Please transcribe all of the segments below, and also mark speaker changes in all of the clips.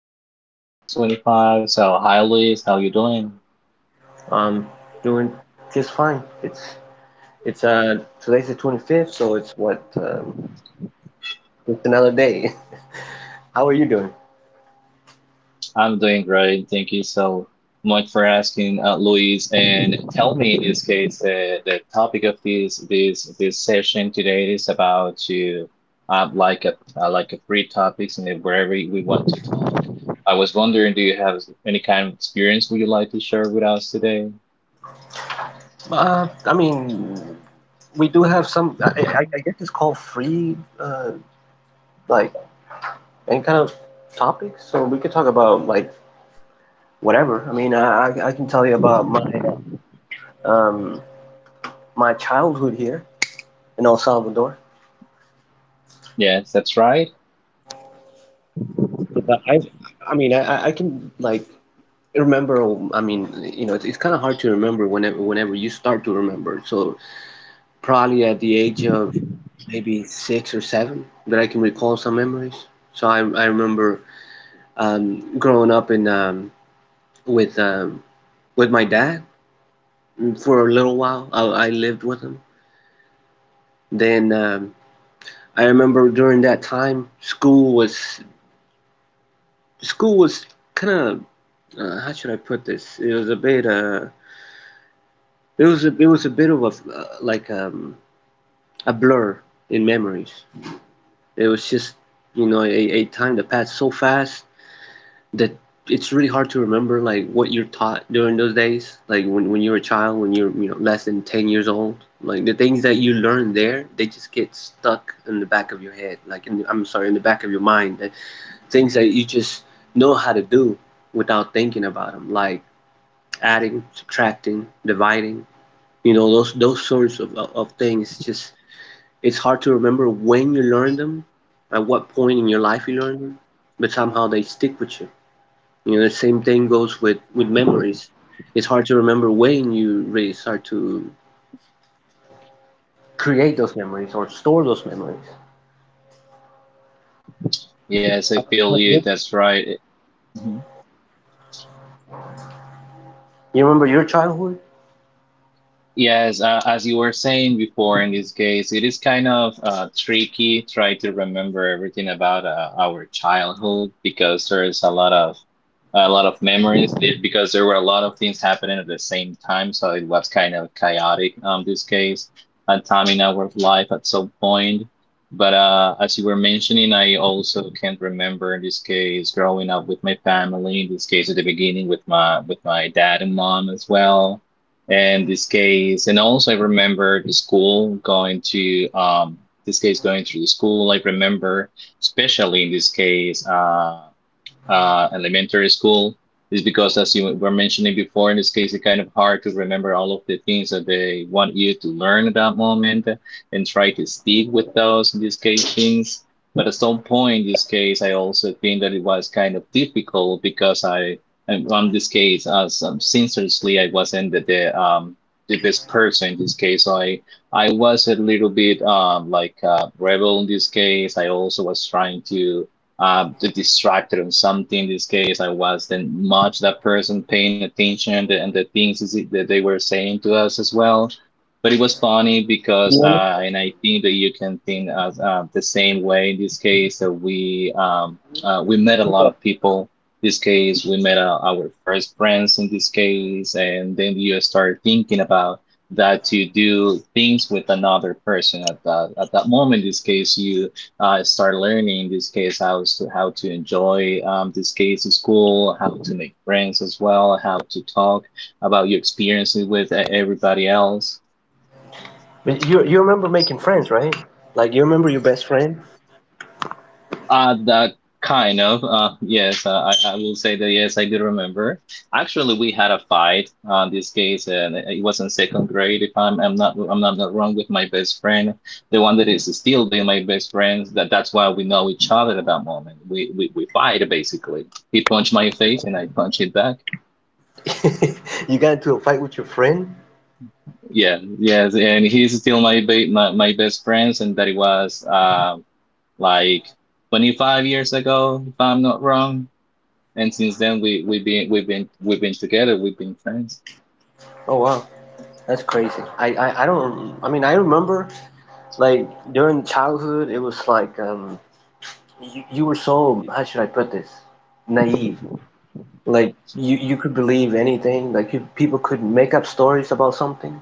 Speaker 1: topics. In this case, 25. So, hi, Luis. How you doing?
Speaker 2: I'm doing just fine. It's today's the 25th, so it's what it's another day. How are you doing?
Speaker 1: I'm doing great. Thank you so much for asking, Luis. And tell me, in this case, the topic of this session today is about to like a free topics and wherever we want to. I was wondering, do you have any kind of experience would you like to share with us today?
Speaker 2: Uh, I mean, we do have some. I guess it's called free, like any kind of topic, so we could talk about like whatever. I mean, I can tell you about my um my childhood here in El Salvador.
Speaker 1: Yes, that's right.
Speaker 2: Yeah, I I mean, I can like remember, i mean it's kind of hard to remember whenever you start to remember. So probably at the age of maybe six or seven that I can recall some memories. So I remember growing up in with um, with my dad. For a little while I lived with him. Then I remember during that time school was kind of how should I put this? It was a bit it was a bit of a like a blur in memories. It was just, you know, a time that passed so fast that it's really hard to remember like what you're taught during those days, like when you're a child, when you're, you know, less than 10 years old. Like the things that you learn there, they just get stuck in the back of your head, like in the back of your mind. Things that you just know how to do without thinking about them, like adding, subtracting, dividing, you know, those sorts of things. Just, it's hard to remember when you learned them, at what point in your life you learned them, but somehow they stick with you. You know, the same thing goes with memories. It's hard to remember when you really start to create those memories or store those memories.
Speaker 1: Yes, I
Speaker 2: But
Speaker 1: feel you. That's right. Mhm.
Speaker 2: You remember your childhood?
Speaker 1: Yes, as you were saying before, in this case, it is kind of tricky try to remember everything about our childhood because there is a lot of memories there because there were a lot of things happening at the same time, so it was kind of chaotic this case a time in our life at some point. But as you were mentioning, I also can't remember in this case growing up with my family. In this case, at the beginning with my dad and mom as well in this case. And also, I remember the school going to this case going through the school. I remember, especially in this case, elementary school is because, as you were mentioning before, in this case, it's kind of hard to remember all of the things that they want you to learn at that moment and try to stick with those, in this case, things. But at some point, in this case, I also think that it was kind of difficult because I, and on this case, as sincerely, I wasn't the best person in this case. So I was a little bit rebel in this case. I also was trying to distracted on something. In this case, I wasn't much that person paying attention and the things that they were saying to us as well. But it was funny because,
Speaker 2: Yeah.
Speaker 1: and I think that you can think as the same way in this case that we met a lot of people. In this case, we met our first friends in this case, and then you start thinking about that to do things with another person at that moment. In this case, you start learning in this case how to enjoy this case of school, how to make friends as well, how to talk about your experiences with everybody else.
Speaker 2: But you remember making friends, right? Like, you remember your best friend?
Speaker 1: That kind of. Yes, I will say that yes, I do remember. Actually, we had a fight on this case, and it was in second grade. If I'm, I'm not, not wrong with my best friend, the one that is still being my best friend. That's why we know each other at that moment. We fight basically. He punched my face, and I punched it back.
Speaker 2: You got into a fight with your friend?
Speaker 1: Yeah, yes, and he's still my my best friends, and that it was like 25 years ago, if I'm not wrong. And since then, we've been together. We've been friends.
Speaker 2: Oh, wow. That's crazy. I don't, I mean, I remember, like, during childhood, it was like, you were so, how should I put this, naive. Like you could believe anything. Like people could make up stories about something,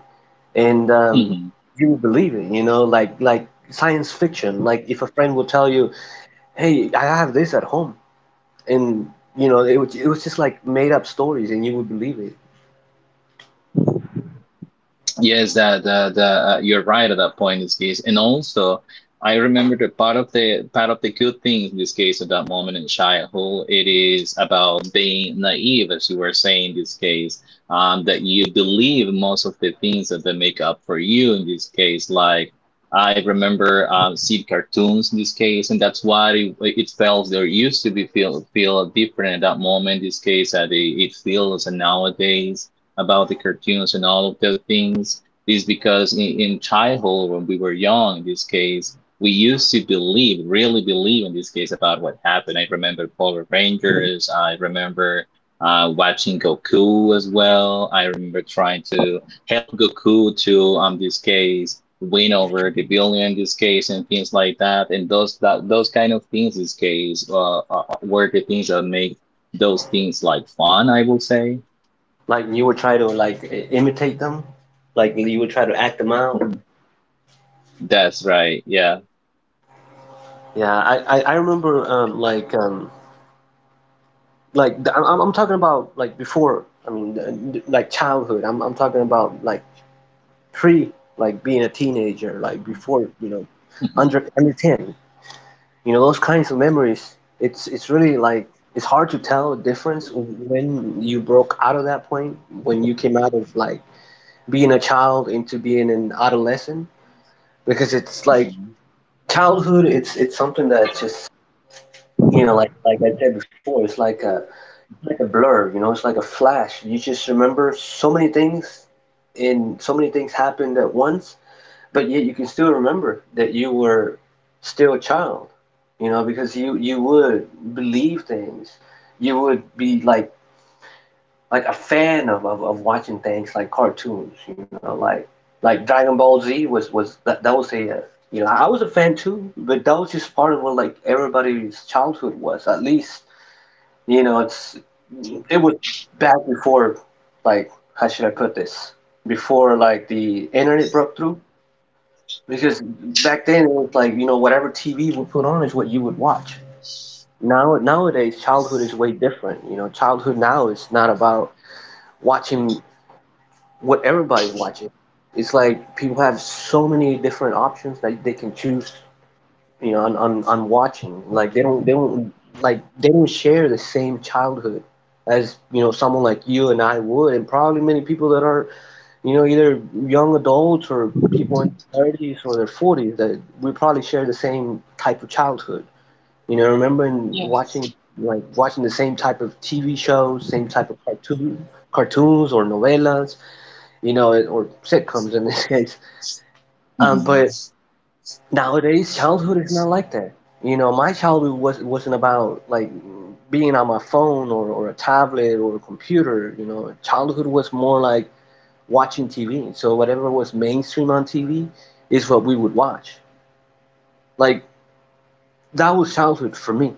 Speaker 2: and
Speaker 1: Mm-hmm.
Speaker 2: you would believe it, you know, like science fiction. Like if a friend would tell you, hey, I have this at home. And you know, it was just like made up stories, and you would believe it.
Speaker 1: Yes, that you're right at that point in this case. And also, I remember that part of the good things in this case at that moment in childhood, it is about being naive, as you were saying in this case, that you believe most of the things that they make up for you in this case. Like I remember see cartoons in this case, and that's why it felt there used to be feel different at that moment in this case that it feels nowadays about the cartoons and all of those things is because in childhood, when we were young, in this case, we used to believe, really believe in this case about what happened. I remember Power Rangers. I remember watching Goku as well. I remember trying to help Goku to, this case, win over the villain in this case and things like that. And those kind of things, in this case, were the things that make those things like fun. I will say.
Speaker 2: Like you would try to like imitate them, like you would try to act them out.
Speaker 1: That's right. Yeah.
Speaker 2: Yeah, I remember like I'm talking about like before, I mean like childhood. I'm talking about like pre, like being a teenager, like before, you know,
Speaker 1: Hmm.
Speaker 2: under 10, you know, those kinds of memories. It's really like, it's hard to tell the difference when you broke out of that point, when you came out of like being a child into being an adolescent. Because it's like
Speaker 1: Hmm.
Speaker 2: childhood, it's something that's just, you know, like I said before, it's like a, like a blur, you know, it's like a flash. You just remember so many things and so many things happened at once, but yet you can still remember that you were still a child. You know, because you would believe things. You would be like a fan of watching things like cartoons, you know, like Dragon Ball Z was, that was a, you know, I was a fan too. But that was just part of what like everybody's childhood was, at least, you know, it's it was back before, like, how should I put this? Before like the internet broke through. Because back then it was like, you know, whatever TV would put on is what you would watch. Now, nowadays childhood is way different. You know, childhood now is not about watching what everybody's watching. It's like people have so many different options that they can choose, you know, on watching. Like they don't, they don't share the same childhood as, you know, someone like you and I would, and probably many people that are, you know, either young adults or people in their thirties or their forties, that we probably share the same type of childhood. You know, remembering
Speaker 1: Yes.
Speaker 2: watching, the same type of TV shows, same type of cartoons or novelas, you know, or sitcoms in this case. Um,
Speaker 1: Hmm.
Speaker 2: but nowadays, childhood is not like that. You know, my childhood wasn't about like being on my phone, or a tablet or a computer. You know, childhood was more like watching TV. So whatever was mainstream on TV is what we would watch. Like that was childhood for me.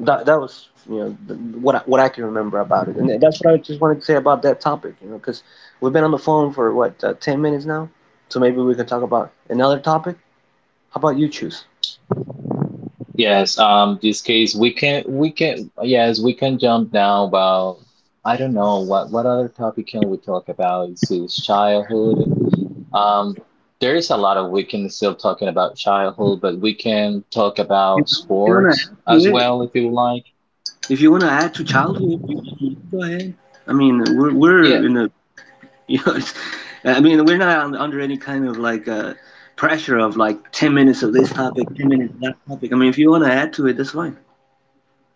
Speaker 2: That was, you know, what I can remember about it. And that's what I just wanted to say about that topic. You know, because we've been on the phone for what 10 minutes now. So maybe we can talk about another topic. How about you choose?
Speaker 1: Yes. This case, we can. We can. Yes, we can jump now about. I don't know what other topic can we talk about? It's his childhood. Um. There is a lot of we can still talking about childhood, but we can talk
Speaker 2: You
Speaker 1: about
Speaker 2: know, want to
Speaker 1: sports
Speaker 2: ask
Speaker 1: as
Speaker 2: me?
Speaker 1: well if you would like.
Speaker 2: If you want to add to childhood, you go ahead. I mean, we're
Speaker 1: Yeah.
Speaker 2: we're in a you know, it's, I mean, we're not under any kind of like, pressure of like 10 minutes of this topic, 10 minutes of that topic. I mean, if you want to add to it, that's fine.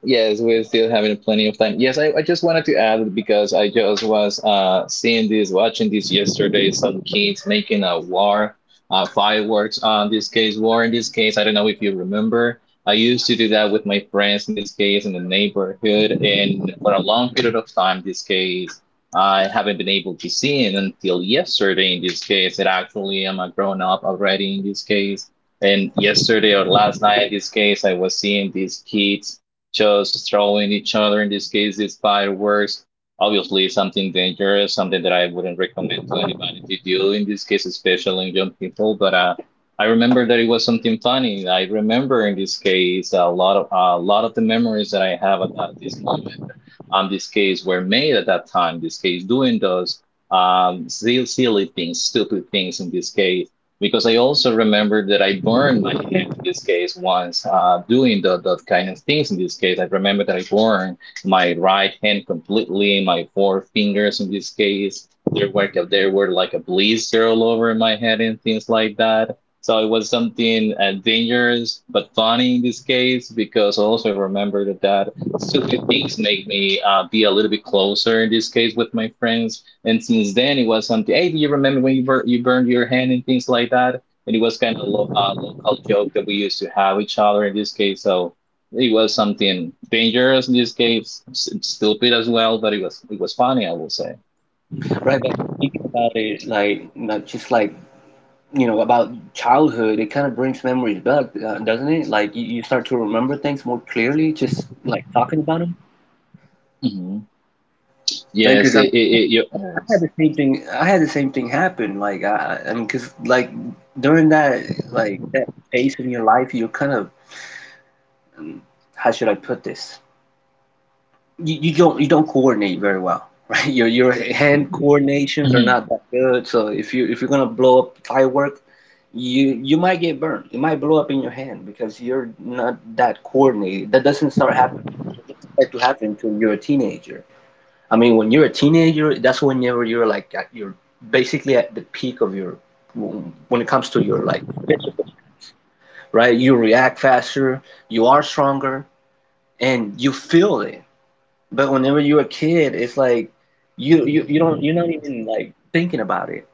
Speaker 1: Yes, we're still having plenty of time. Yes, I just wanted to add because I just was seeing this, watching this yesterday. Some kids making a war, fireworks. In this case, war. In this case, I don't know if you remember. I used to do that with my friends. In this case, in the neighborhood, and for a long period of time, this case I haven't been able to see it until yesterday. In this case, it actually I'm a grown up already. In this case, and yesterday or last night, in this case, I was seeing these kids just throwing each other, in this case, these fireworks. Obviously, something dangerous, something that I wouldn't recommend to anybody to do in this case, especially young people. But I remember that it was something funny. I remember in this case a lot of the memories that I have at this moment. This case were made at that time. This case doing those silly, silly things, stupid things in this case because I also remember that I burned my hand in this case once doing the kind of things in this case. I remember that I burned my right hand completely, my four fingers in this case. There were like a blister all over my head and things like that. So it was something dangerous but funny in this case because also I remember that stupid things make me be a little bit closer in this case with my friends and since then, it was something. Hey, do you remember when you you burned your hand and things like that? And it was kind of a local joke that we used to have each other in this case. So it was something dangerous in this case, stupid as well, but it was funny, I will say.
Speaker 2: Right, but thinking about it, like not just like, you know, about childhood, it kind of brings memories back, doesn't it? Like you start to remember things more clearly, just like talking about them.
Speaker 1: Hmm.
Speaker 2: Right,
Speaker 1: Yes,
Speaker 2: because
Speaker 1: it, it,
Speaker 2: I'm,
Speaker 1: it, you,
Speaker 2: I had the same thing. I had the same thing happen. Like I mean, because like during that phase in your life, you're kind of, um, how should I put this? You don't, you don't coordinate very well, right? Your hand coordinations are
Speaker 1: yes.
Speaker 2: not that good. So if you, if you're gonna blow up firework, you might get burned. It might blow up in your hand because you're not that coordinated. That doesn't start happening. It doesn't start to happen until you're a teenager. I mean, when you're a teenager, that's whenever you're like at, are basically at the peak of your, when it comes to your like physical strength, right? You react faster, you are stronger, and you feel it. But whenever you're a kid, it's like you don't, you're not even like thinking about it.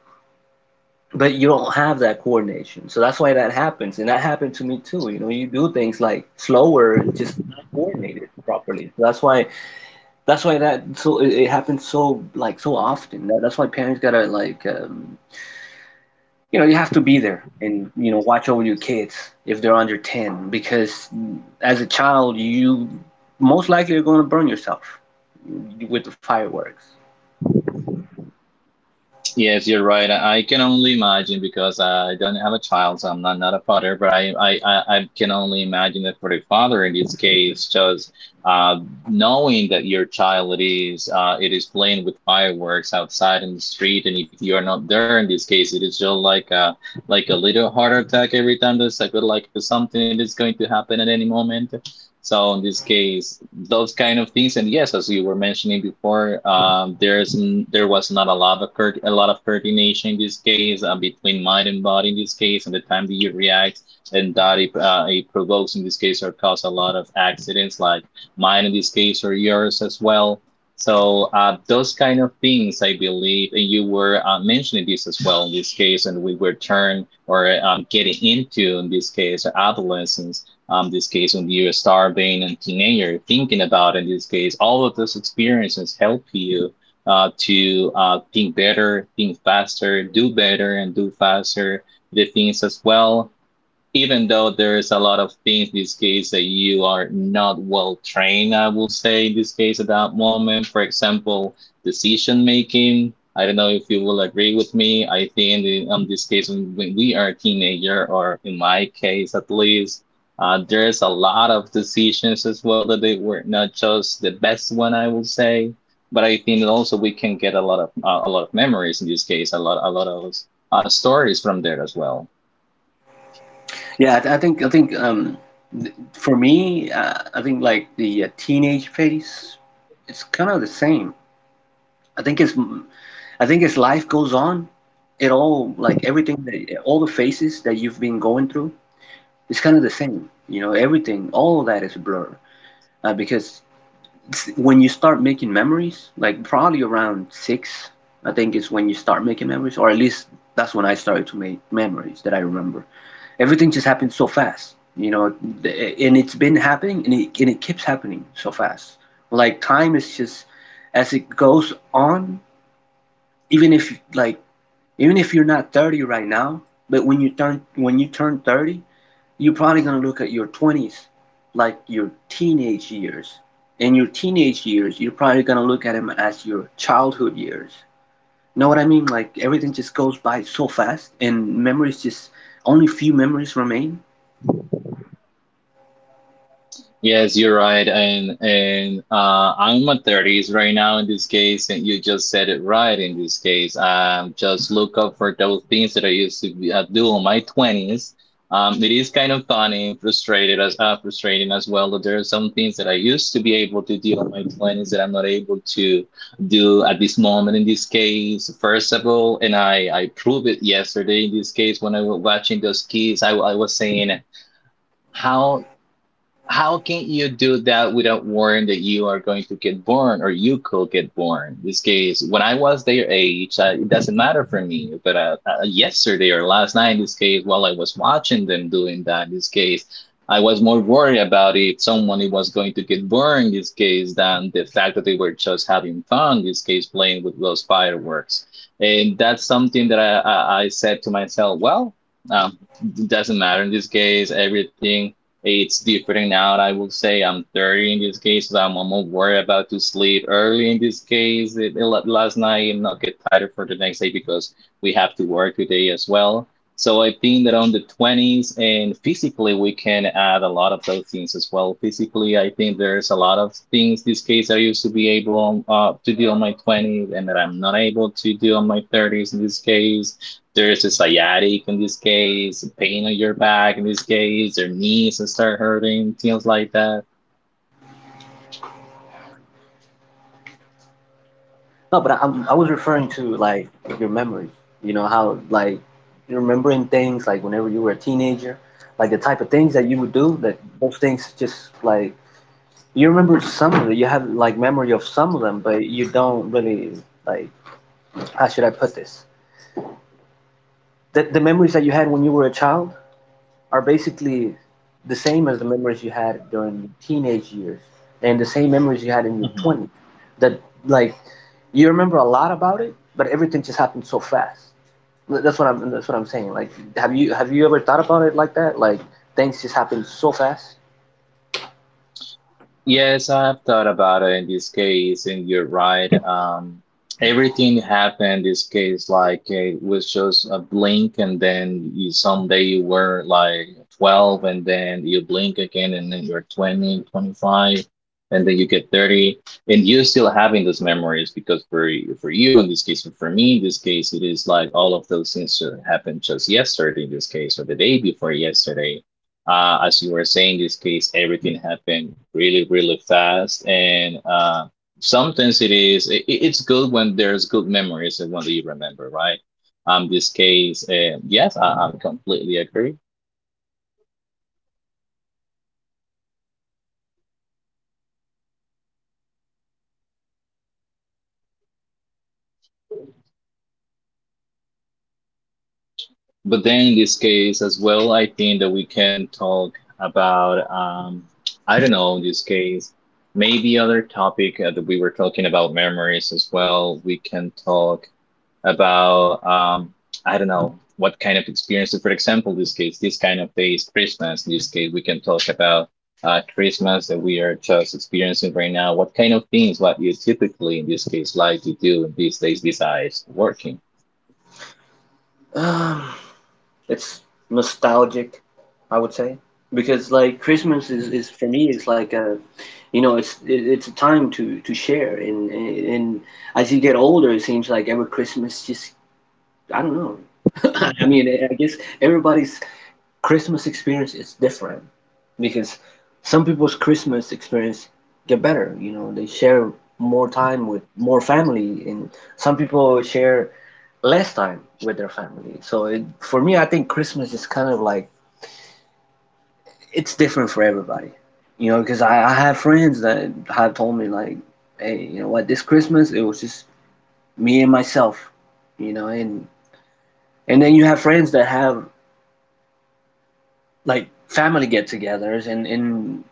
Speaker 2: But you don't have that coordination, so that's why that happens, and that happened to me too. You know, you do things like slower, and just not coordinated properly. So that's why it happens so so often. That's why parents gotta like, you know, you have to be there and you know watch over your kids if they're under 10, because as a child you most likely are going to burn yourself with the fireworks.
Speaker 1: Yes, you're right. I can only imagine because I don't have a child, so I'm not, not a father, but I can only imagine that for the father in this case, just uh, knowing that your child is it is playing with fireworks outside in the street, and if you're not there in this case, it is just like a little heart attack every time there's like something that's going to happen at any moment. So in this case, those kind of things, and yes, as you were mentioning before, there's there was not a lot of a lot of coordination in this case between mind and body in this case, and the time that you react, and that it, it provokes in this case or cause a lot of accidents, like mine in this case or yours as well. So those kind of things, I believe, and you were mentioning this as well in this case, and we were turned or getting into in this case adolescence this case when you're a star being a teenager thinking about in this case all of those experiences help you to think better think faster do better and do faster the things as well even though there is a lot of things in this case that you are not well trained, I will say in this case at that moment. For example, decision making. I don't know if you will agree with me. I think in this case, when we are a teenager, or in my case at least, there's a lot of decisions as well that they were not just the best one, I will say. But I think that also we can get a lot of memories in this case, a lot of stories from there as well.
Speaker 2: Yeah, I think I think for me, I think like the, teenage phase, it's kind of the same. I think it's I think as life goes on, it all, like everything that, all the phases that you've been going through, it's kind of the same. You know, everything, all of that is a blur, because when you start making memories, like probably around six, I think is when you start making memories, or at least that's when I started to make memories that I remember. Everything just happened so fast, you know, and it's been happening, and it keeps happening so fast. Like time is just, as it goes on, even if like even if you're not 30 right now, but when you turn, when you turn 30, you're probably going to look at your 20s like your teenage years. In your teenage years, you're probably going to look at them as your childhood years. Know what I mean? Like everything just goes by so fast, and memories just, only few memories remain.
Speaker 1: Yes, you're right, and I'm in my thirties right now in this case, and you just said it right in this case. Just look up for those things that I used to do in my twenties. It is kind of funny and frustrated as frustrating as well that there are some things that I used to be able to do in my twenties that I'm not able to do at this moment in this case. First of all, and I proved it yesterday in this case when I was watching those kids, I was saying how can you do that without worrying that you are going to get born or you could get born? In this case, when I was their age, it doesn't matter for me. But yesterday or last night, in this case, while I was watching them doing that, in this case, I was more worried about if someone was going to get burned, in this case, than the fact that they were just having fun, in this case, playing with those fireworks. And that's something that I said to myself, well, um, it doesn't matter in this case, everything it's different now. I would say I'm 30 in this case. So I'm more worried about to sleep early in this case. Last night and not get tired for the next day because we have to work today as well. So I think that on the 20s and physically, we can add a lot of those things as well. Physically, I think there's a lot of things this case I used to be able to do on my 20s and that I'm not able to do on my 30s in this case, there's a sciatic in this case, pain on your back in this case, their knees and start hurting, things like that.
Speaker 2: No, but I was referring to like your memories. You know how like you're remembering things like whenever you were a teenager, like the type of things that you would do. That those things just, like, you remember some of it. You have like memory of some of them, but you don't really, like, how should I put this? The memories that you had when you were a child are basically the same as the memories you had during teenage years and the same memories you had in your
Speaker 1: Hmm.
Speaker 2: 20s. That, like, you remember a lot about it, but everything just happened so fast. That's what I'm saying. Like, have you ever thought about it like that? Like, things just happen so fast.
Speaker 1: Yes, I have thought about it in this case, and you're right. Everything happened in this case like it was just a blink, and then you someday you were like 12, and then you blink again, and then you're 20, 25, and then you get 30, and you're still having those memories because for for you in this case, and for me in this case, it is like all of those things that happened just yesterday in this case, or the day before yesterday as you were saying, this case, everything happened really, really fast. And sometimes it is, it's good when there's good memories and when you remember, right? This case, yes, I'm completely agree. But then in this case as well, I think that we can talk about, I don't know, in this case, maybe other topic that we were talking about memories as well. We can talk about I don't know what kind of experiences. For example, in this case, this kind of day is Christmas. In this case, we can talk about Christmas that we are just experiencing right now. What kind of things? What you typically in this case like to do in these days besides working?
Speaker 2: It's nostalgic, I would say, because like Christmas is for me it's like a, you know, it's it, it's a time to share, and as you get older, it seems like every Christmas just I don't know. I mean, I guess everybody's Christmas experience is different because some people's Christmas experience get better. You know, they share more time with more family, and some people share less time with their family. So for me, I think Christmas is kind of like it's different for everybody. Because I have friends that have told me like, hey, you know what? This Christmas it was just me and myself, you know. And and then you have friends that have like family get-togethers and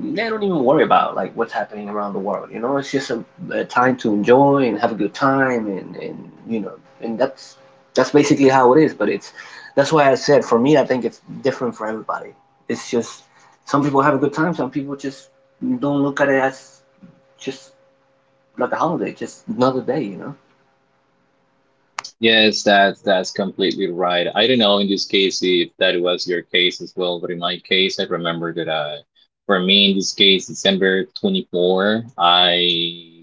Speaker 2: they don't even worry about like what's happening around the world. You know, it's just a time to enjoy and have a good time, and that's basically how it is. But it's that's why I said for me, I think it's different for everybody. It's just some people have a good time, some people just don't look at it as just like a holiday, just another day. You know.
Speaker 1: Yes, that's completely right. I don't know in this case if that was your case as well, but in my case, I remember that for me in this case, December 24th, I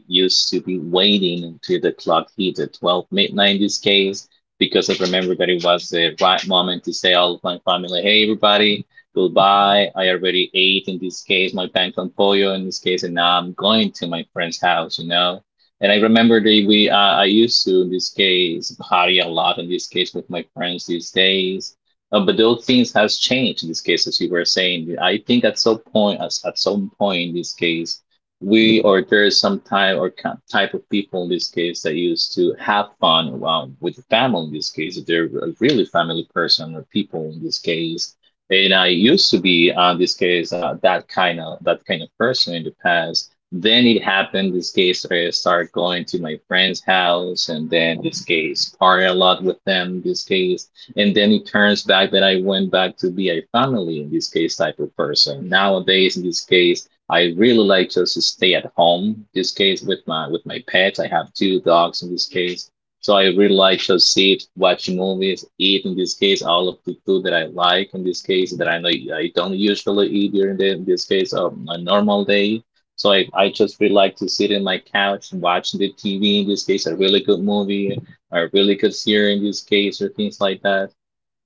Speaker 1: used to be waiting until the clock hit at 12 midnight in this case because I remember that it was the right moment to say all of my family, hey everybody, goodbye. I already ate in this case my pan con pollo in this case, and now I'm going to my friend's house. And I remember that we I used to in this case party a lot in this case with my friends these days. But those things has changed in this case, as you were saying. I think at some point, as at some point in this case, we or there is some type or type of people in this case that used to have fun with the family in this case. If they're a really family person or people in this case. And I used to be in this case that kind of person in the past then it happened. This case, I started going to my friend's house, and then this case, party a lot with them. This case, and then it turns back that I went back to be a family in this case type of person. Nowadays, in this case, I really like just to stay at home. This case with my pets, I have two dogs in this case, so I really like just sit, watch movies, eat. In this case, all of the food that I like. In this case, that I know I don't usually eat during the in this case a normal day. So I just really like to sit in my couch and watching the TV in this case, a really good movie or a really good series in this case, or things like that.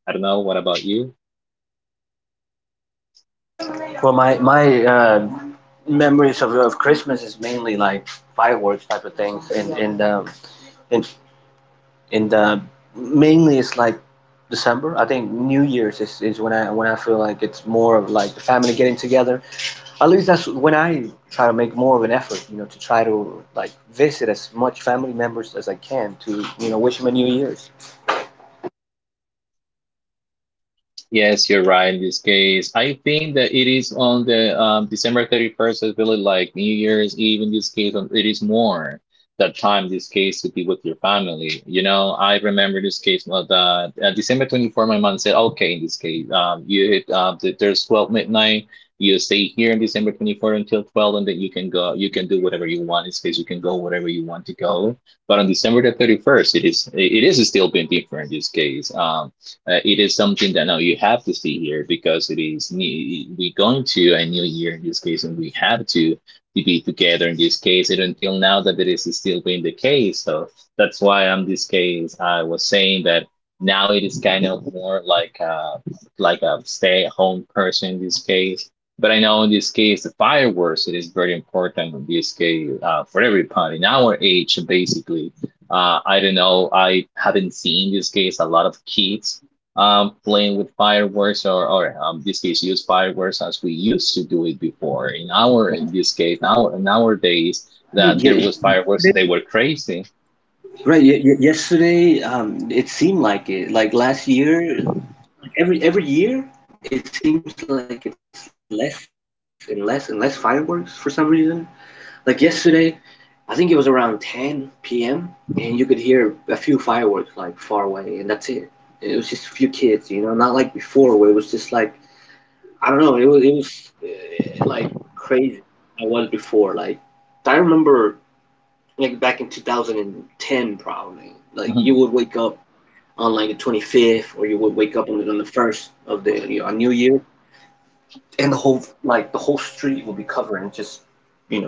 Speaker 1: I don't know. What about you?
Speaker 2: Well, my memories of Christmas is mainly like fireworks type of things, and and mainly it's like December. I think New Year's is when I feel like it's more of like the family getting together. At least that's when I try to make more of an effort, you know, to try to like visit as much family members as I can to you know wish them a New Year's.
Speaker 1: Yes, you're right in this case. I think that it is on the December 31st, it's really like New Year's Eve in this case, it is more that time, this case, to be with your family. You know, I remember this case that December 24th. My mom said, okay, in this case, you hit, there's 12 midnight, you stay here on December 24th until 12, and then you can go, you can do whatever you want. In this case, you can go wherever you want to go. But on December the 31st, it is still being different in this case. It is something that now you have to see here because it is new, we're going to a new year in this case, and we have to be together in this case. And until now, that it is still being the case. So that's why in this case, I was saying that now it is kind of more like a stay-at-home person in this case. But I know in this case, the fireworks it is very important in this case for everybody in our age, basically. I don't know. I haven't seen in this case a lot of kids playing with fireworks or in this case use fireworks as we used to do it before in our in this case now in our days that there
Speaker 2: Ye-
Speaker 1: was fireworks and they were crazy
Speaker 2: Right. Yesterday, it seemed like it. Like last year, like every year, it seems like it's less and less and less fireworks for some reason. Like yesterday, I think it was around 10 p.m. and you could hear a few fireworks like far away, and that's it. It was just a few kids, you know, not like before where it was just like I don't know. It was it was like crazy. I was before like I remember like back in 2010 probably like you would wake up
Speaker 1: and
Speaker 2: on like the 25th or you would wake up on on the first of the you know, on New Year, and the whole like the whole street would be covered in just you know just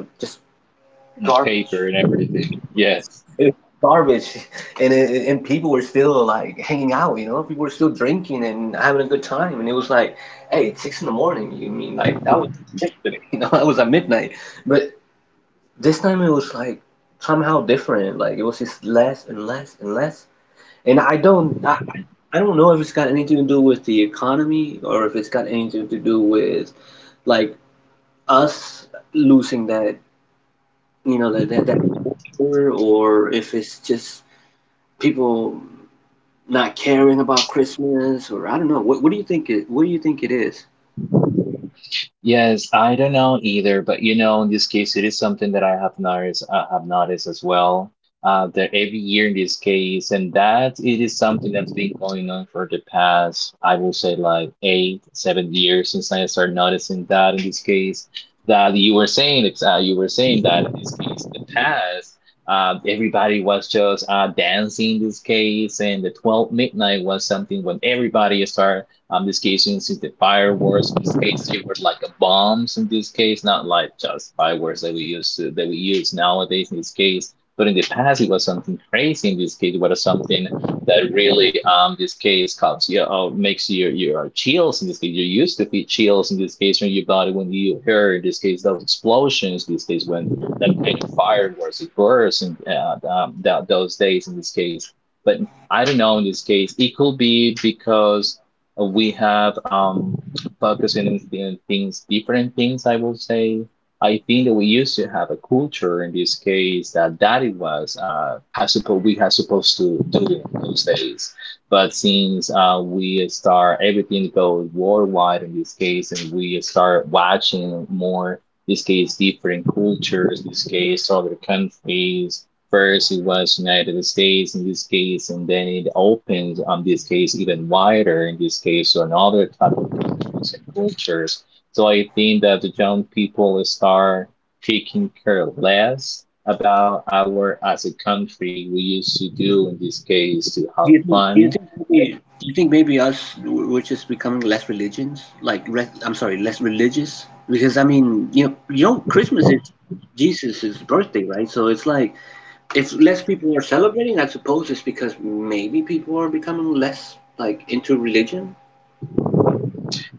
Speaker 2: garbage.
Speaker 1: paper and everything
Speaker 2: It's
Speaker 1: yes.
Speaker 2: garbage, and people were still like hanging out. You know, people were still drinking and having a good time. And it was like, hey, it's six in the morning. You mean like that was yesterday? You know, that was at midnight. But this time it was like somehow different. Like it was just less and less and less. And I don't know if it's got anything to do with the economy or if it's got anything to do with like us losing that, you know, that that, that culture, or if it's just people not caring about Christmas, or I don't know. What do you think it is?
Speaker 1: Yes, I don't know either, but you know, in this case, it is something that I have noticed. I have noticed as well. That every year in this case, and that it is something that's been going on for the past, I will say, like eight, 7 years since I started noticing that. In this case, that you were saying, it's, you were saying that in this case, the past, everybody was just dancing. In this case, and the 12 midnight was something when everybody started this case, since the fireworks, in this case, they were like bombs. In this case, not like just fireworks that we use nowadays. In this case, but in the past, it was something crazy. In this case, it was something that really, this case causes you, makes your chills. In this case, you used to feel chills. In this case, when your body when you heard in this case those explosions. In this case, when that kind of fireworks it burst and that, those days. In this case, but I don't know. In this case, it could be because we have focusing on things, different things, I will say. I think that we used to have a culture in this case that it was we had supposed to do in those days. But since we start everything goes worldwide in this case, and we start watching more this case different cultures, this case other countries, First, it was United States in this case, and then it opens on this case even wider in this case to another type of countries and cultures. So I think that the young people start taking care less about our as a country we used to do in this case to
Speaker 2: Do
Speaker 1: have
Speaker 2: you think do you
Speaker 1: fun.
Speaker 2: think maybe do you think maybe us we're just becoming less religions? Like re I'm sorry, less religious? Because I mean, you know, Christmas is Jesus' birthday, right? So it's like if less people are celebrating, I suppose it's because maybe people are becoming less like into religion.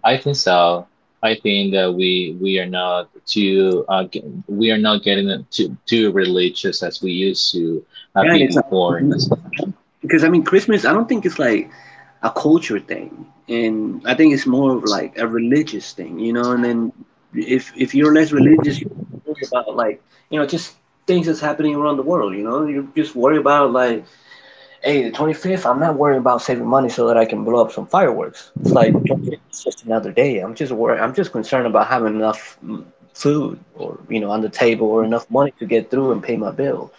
Speaker 1: I think so. I think that we are not too we are not getting too religious as we used to
Speaker 2: Right,
Speaker 1: be
Speaker 2: it's
Speaker 1: before in
Speaker 2: not,
Speaker 1: this.
Speaker 2: because I mean Christmas. I don't think it's like a culture thing, and I think it's more of like a religious thing, you know. And then if you're less religious, you worry about like you know just things that's happening around the world. You know, you just worry about like, hey, the 25th. I'm not worrying about saving money so that I can blow up some fireworks. It's like the 25th is just another day. I'm just worried. I'm just concerned about having enough food or you know on the table or enough money to get through and pay my bills.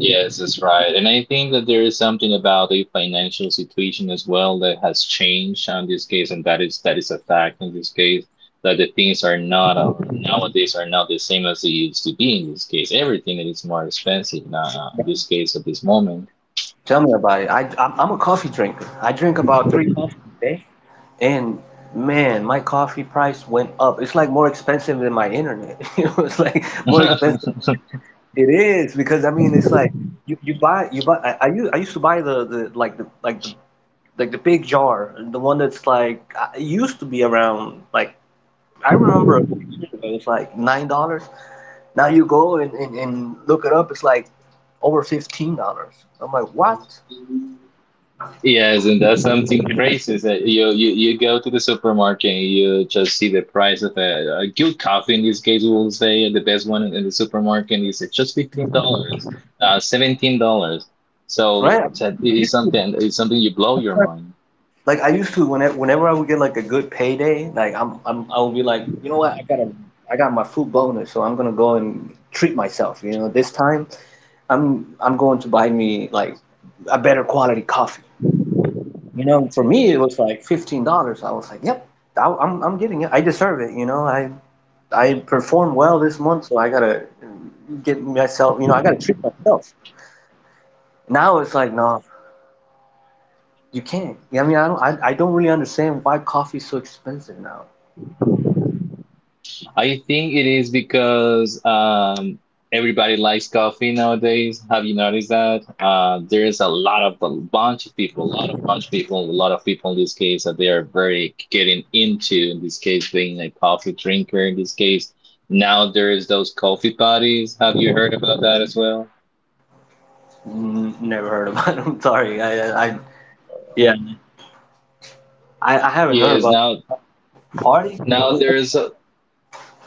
Speaker 1: Yes, that's right. And I think that there is something about the financial situation as well that has changed on this case, and that is a fact in this case that the things are not nowadays are not the same as they used to be in this case. Everything is more expensive now in this case at this moment.
Speaker 2: Tell me about it. I'm a coffee drinker. I drink about 3 coffees a day. And man, my coffee price went up. It's like more expensive than my internet. You know, it's like more expensive. It is because I mean, it's like you buy. I used I used to buy the, the big jar, the one that's like it used to be around like I remember a few years ago. It's like $9. Now you go and look it up. It's like over $15. I'm like, what?
Speaker 1: Yes, and that's something crazy. Is that you go to the supermarket and you just see the price of a good coffee in this case, we'll say the best one in the supermarket is just $15, $17. So
Speaker 2: Right?
Speaker 1: it's something you blow your mind.
Speaker 2: Like I used to whenever I would get like a good payday, like I would be like, you know what, I got my food bonus, so I'm gonna go and treat myself. You know, this time I'm going to buy me like a better quality coffee. You know, for me it was like $15. I was like, yep, I'm getting it. I deserve it. You know, I performed well this month, so I gotta get myself. You know, I gotta treat myself. Now it's like no, you can't. I mean, I don't really understand why coffee's so expensive now.
Speaker 1: I think it is because everybody likes coffee nowadays. Have you noticed that? There is a lot of a bunch of people, a lot of bunch of people, a lot of people in this case that they are very getting into. In this case, being a coffee drinker. In this case, now there is those coffee parties. Have you heard about that as well?
Speaker 2: Never heard about him. Sorry, yeah, I haven't heard
Speaker 1: Yes.
Speaker 2: about
Speaker 1: Now,
Speaker 2: party.
Speaker 1: now there is.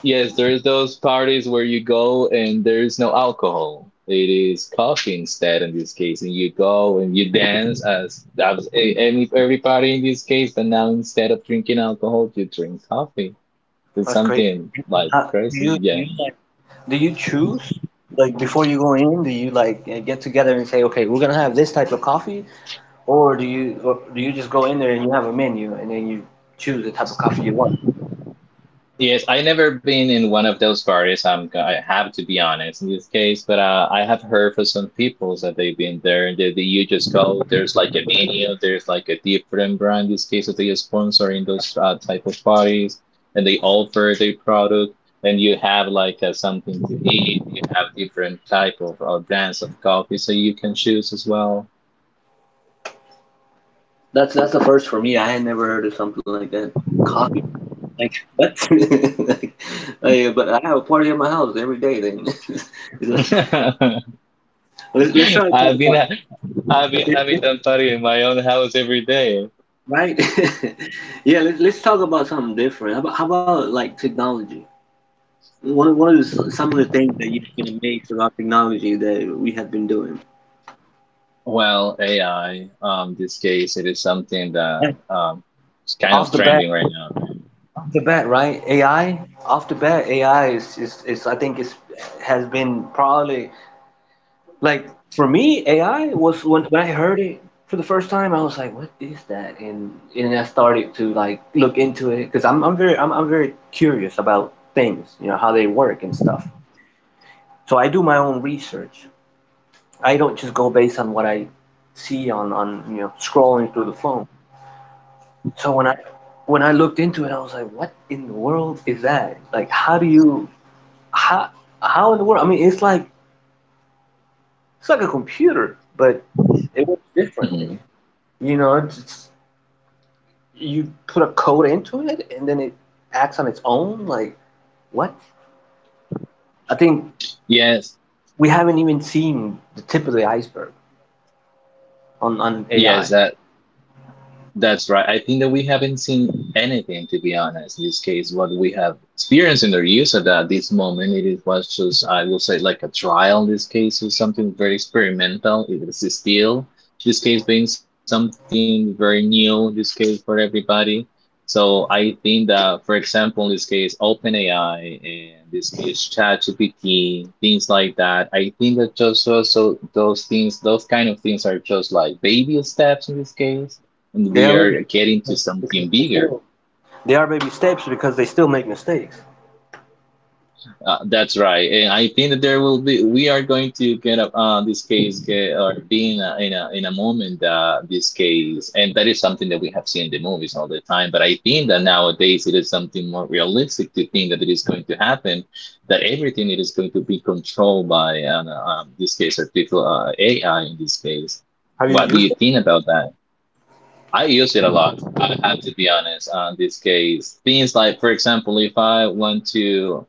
Speaker 1: Yes, there's those parties where you go and there's no alcohol. It is coffee instead in this case, and you go and you dance as any every party in this case. But now instead of drinking alcohol, you drink coffee. It's
Speaker 2: That's crazy.
Speaker 1: something like
Speaker 2: Do
Speaker 1: crazy.
Speaker 2: you,
Speaker 1: Yeah.
Speaker 2: do you choose like before you go in? Do you like get together and say, okay, we're gonna have this type of coffee, or do you just go in there and you have a menu and then you choose the type of coffee you want?
Speaker 1: Yes, I never been in one of those parties. I have to be honest in this case, but I have heard for some people that they've been there and they you just go. There's like a menu. There's like a different brand. In this case, that they sponsor in those type of parties, and they offer their product. And you have like something to eat. You have different type of or brands of coffee, so you can choose as well.
Speaker 2: That's the first for me. I had never heard of something like that. Coffee. Like what? I- but I have a party at my house every day. Then let's try to talk
Speaker 1: I've been
Speaker 2: about
Speaker 1: I've been
Speaker 2: Yeah,
Speaker 1: having that party in my own house every day.
Speaker 2: Right? Yeah, let's talk about something different. How about like technology? One of the some of the things that you've been amazed about technology that we have been doing.
Speaker 1: Well, AI, this case, it is something that
Speaker 2: Right.
Speaker 1: it's kind of
Speaker 2: Off the bat,
Speaker 1: trending right now.
Speaker 2: off the bat, right? AI, off the bat, AI is I think it's has been probably like for me, AI was when I heard it for the first time, I was like, what is that? And I started to like look into it because I'm very curious about things, you know, how they work and stuff. So I do my own research. I don't just go based on what I see on, you know scrolling through the phone. So when I looked into it, I was like, what in the world is that? Like, how do you how how in the world? I mean, it's like a computer, but it works
Speaker 1: Mhm.
Speaker 2: differently. You know, you put a code into it, and then it acts on its own. Like what? I think
Speaker 1: Yes,
Speaker 2: we haven't even seen the tip of the iceberg on
Speaker 1: yes,
Speaker 2: AI.
Speaker 1: that's right. I think that we haven't seen anything, to be honest, in this case. What we have experienced in their use at that this moment, it was just, I will say, like a trial in this case, or something very experimental. It is still, in this case, being something very new in this case for everybody. So I think that, for example, in this case, OpenAI, and in this case, ChatGPT, things like that. I think that just also those things, those kind of things are just like baby steps in this case and
Speaker 2: They
Speaker 1: we
Speaker 2: already
Speaker 1: are getting to
Speaker 2: because
Speaker 1: something
Speaker 2: they
Speaker 1: bigger.
Speaker 2: feel They are baby steps because they still make mistakes.
Speaker 1: That's right, and I think that there will be. We are going to get up this case get, or be in a in a moment this case, and that is something that we have seen in the movies all the time. But I think that nowadays it is something more realistic to think that it is going to happen, that everything it is going to be controlled by, this case, artificial AI in this case.
Speaker 2: Have you
Speaker 1: What do
Speaker 2: used
Speaker 1: you
Speaker 2: it?
Speaker 1: think about that? I use it a lot. I have to be honest. On this case, things like, for example, if I want to,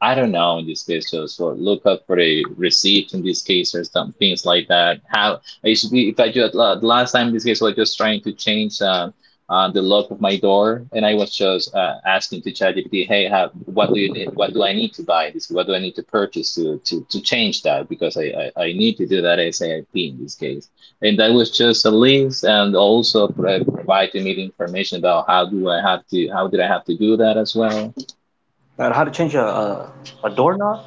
Speaker 1: I don't know, in this case, just for look up for a receipt in this case or some things like that. How I used to be, if I just last time in this case, I was just trying to change the lock of my door, and I was just asking to ChatGPT, hey, how, what do you need, what do I need to buy this? What do I need to purchase to change that? Because I I need to do that SAIP in this case and that was just a list and also providing me the information about how do I have to, how did I have to do that as well.
Speaker 2: And how to change a doorknob?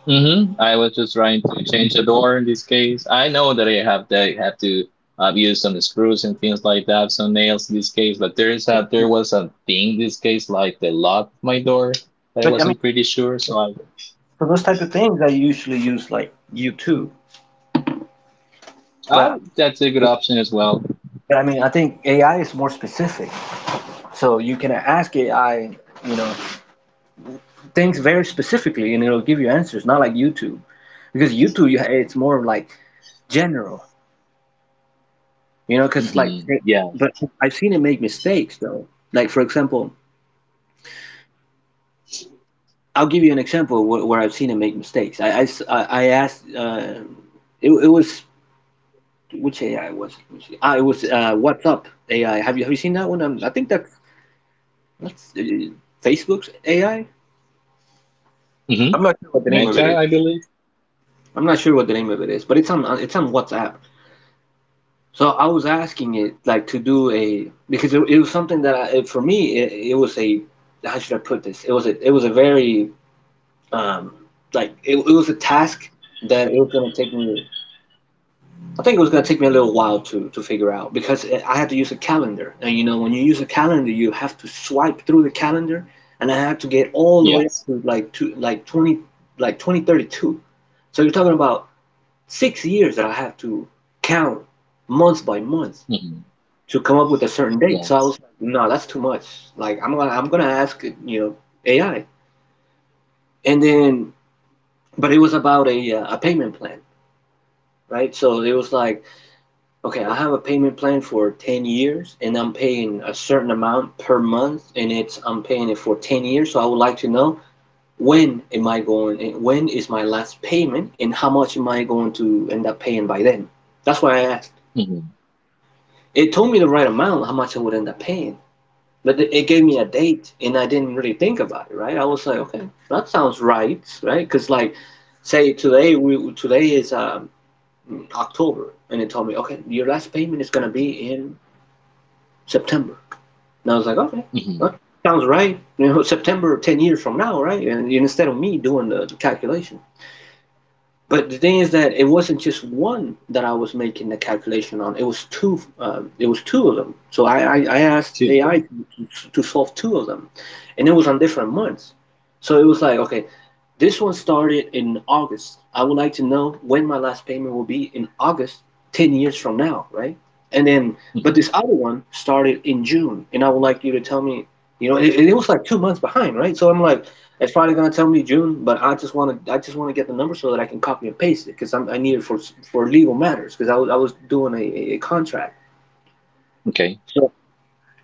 Speaker 1: Hmm. I was just trying to change a door in this case. I know that I have to use some screws and things like that, some nails in this case, but there is a, there was a thing in this case, like the lock of my door
Speaker 2: But I mean,
Speaker 1: that I wasn't pretty sure. So I,
Speaker 2: for those type of things, I usually use like YouTube. But,
Speaker 1: oh, that's a good option as well.
Speaker 2: I mean, I think AI is more specific. So you can ask AI, you know, things very specifically, and it'll give you answers. Not like YouTube, because YouTube, you, it's more like general, you know. Because like,
Speaker 1: Hmm.
Speaker 2: but
Speaker 1: Yeah.
Speaker 2: I've seen it make mistakes though. Like for example, I'll give you an example where, I've seen him make mistakes. I asked, it was, which AI was it? Let Ah, it was WhatsApp AI. Have you seen that one? I think that's Facebook's AI.
Speaker 1: Hmm.
Speaker 2: I'm not sure what the name of it
Speaker 1: Meta,
Speaker 2: is.
Speaker 1: I believe.
Speaker 2: I'm not sure what the name of it is, but it's on WhatsApp. So I was asking it like to do a because it was something that for me it was a how should I put this? It was a very um, like it was a task that it was going to take me. I think it was going to take me a little while to figure out because I had to use a calendar. And you know, when you use a calendar, you have to swipe through the calendar, and I had to get all the way
Speaker 1: Yes.
Speaker 2: up to like 20 like 2032. So you're talking about 6 years that I have to count month by month
Speaker 1: Hmm.
Speaker 2: to come up with a certain date. So I
Speaker 1: Yes.
Speaker 2: was like, no, that's too much. Like I'm going to ask, you know, AI. And then but it was about a payment plan, right? So it was like okay, I have a payment plan for 10 years and I'm paying a certain amount per month and it's I'm paying it for 10 years. So I would like to know when am I going and when is my last payment and how much am I going to end up paying by then? That's why I asked.
Speaker 1: Hmm.
Speaker 2: It told me the right amount how much I would end up paying, but it gave me a date and I didn't really think about it, right? I was like, okay, that sounds right, right? Because like say today we today is October and it told me, okay, your last payment is going to be in September. And I was like, okay,
Speaker 1: Hmm.
Speaker 2: well, sounds right. You know, September, 10 years from now, right? And instead of me doing the calculation. But the thing is that it wasn't just one that I was making the calculation on. It was two. It was two of them. So I asked AI
Speaker 1: Children.
Speaker 2: to solve two of them, and it was on different months. So it was like, okay, this one started in August. I would like to know when my last payment will be in August, 10 years from now, right? And then, but this
Speaker 1: Hmm.
Speaker 2: other one started in June, and I would like you to tell me, you know, it was like 2 months behind, right? So I'm like, it's probably gonna tell me June, but I just wanna get the number so that I can copy and paste it, because I need it for legal matters, because I was doing a contract.
Speaker 1: Okay.
Speaker 2: So,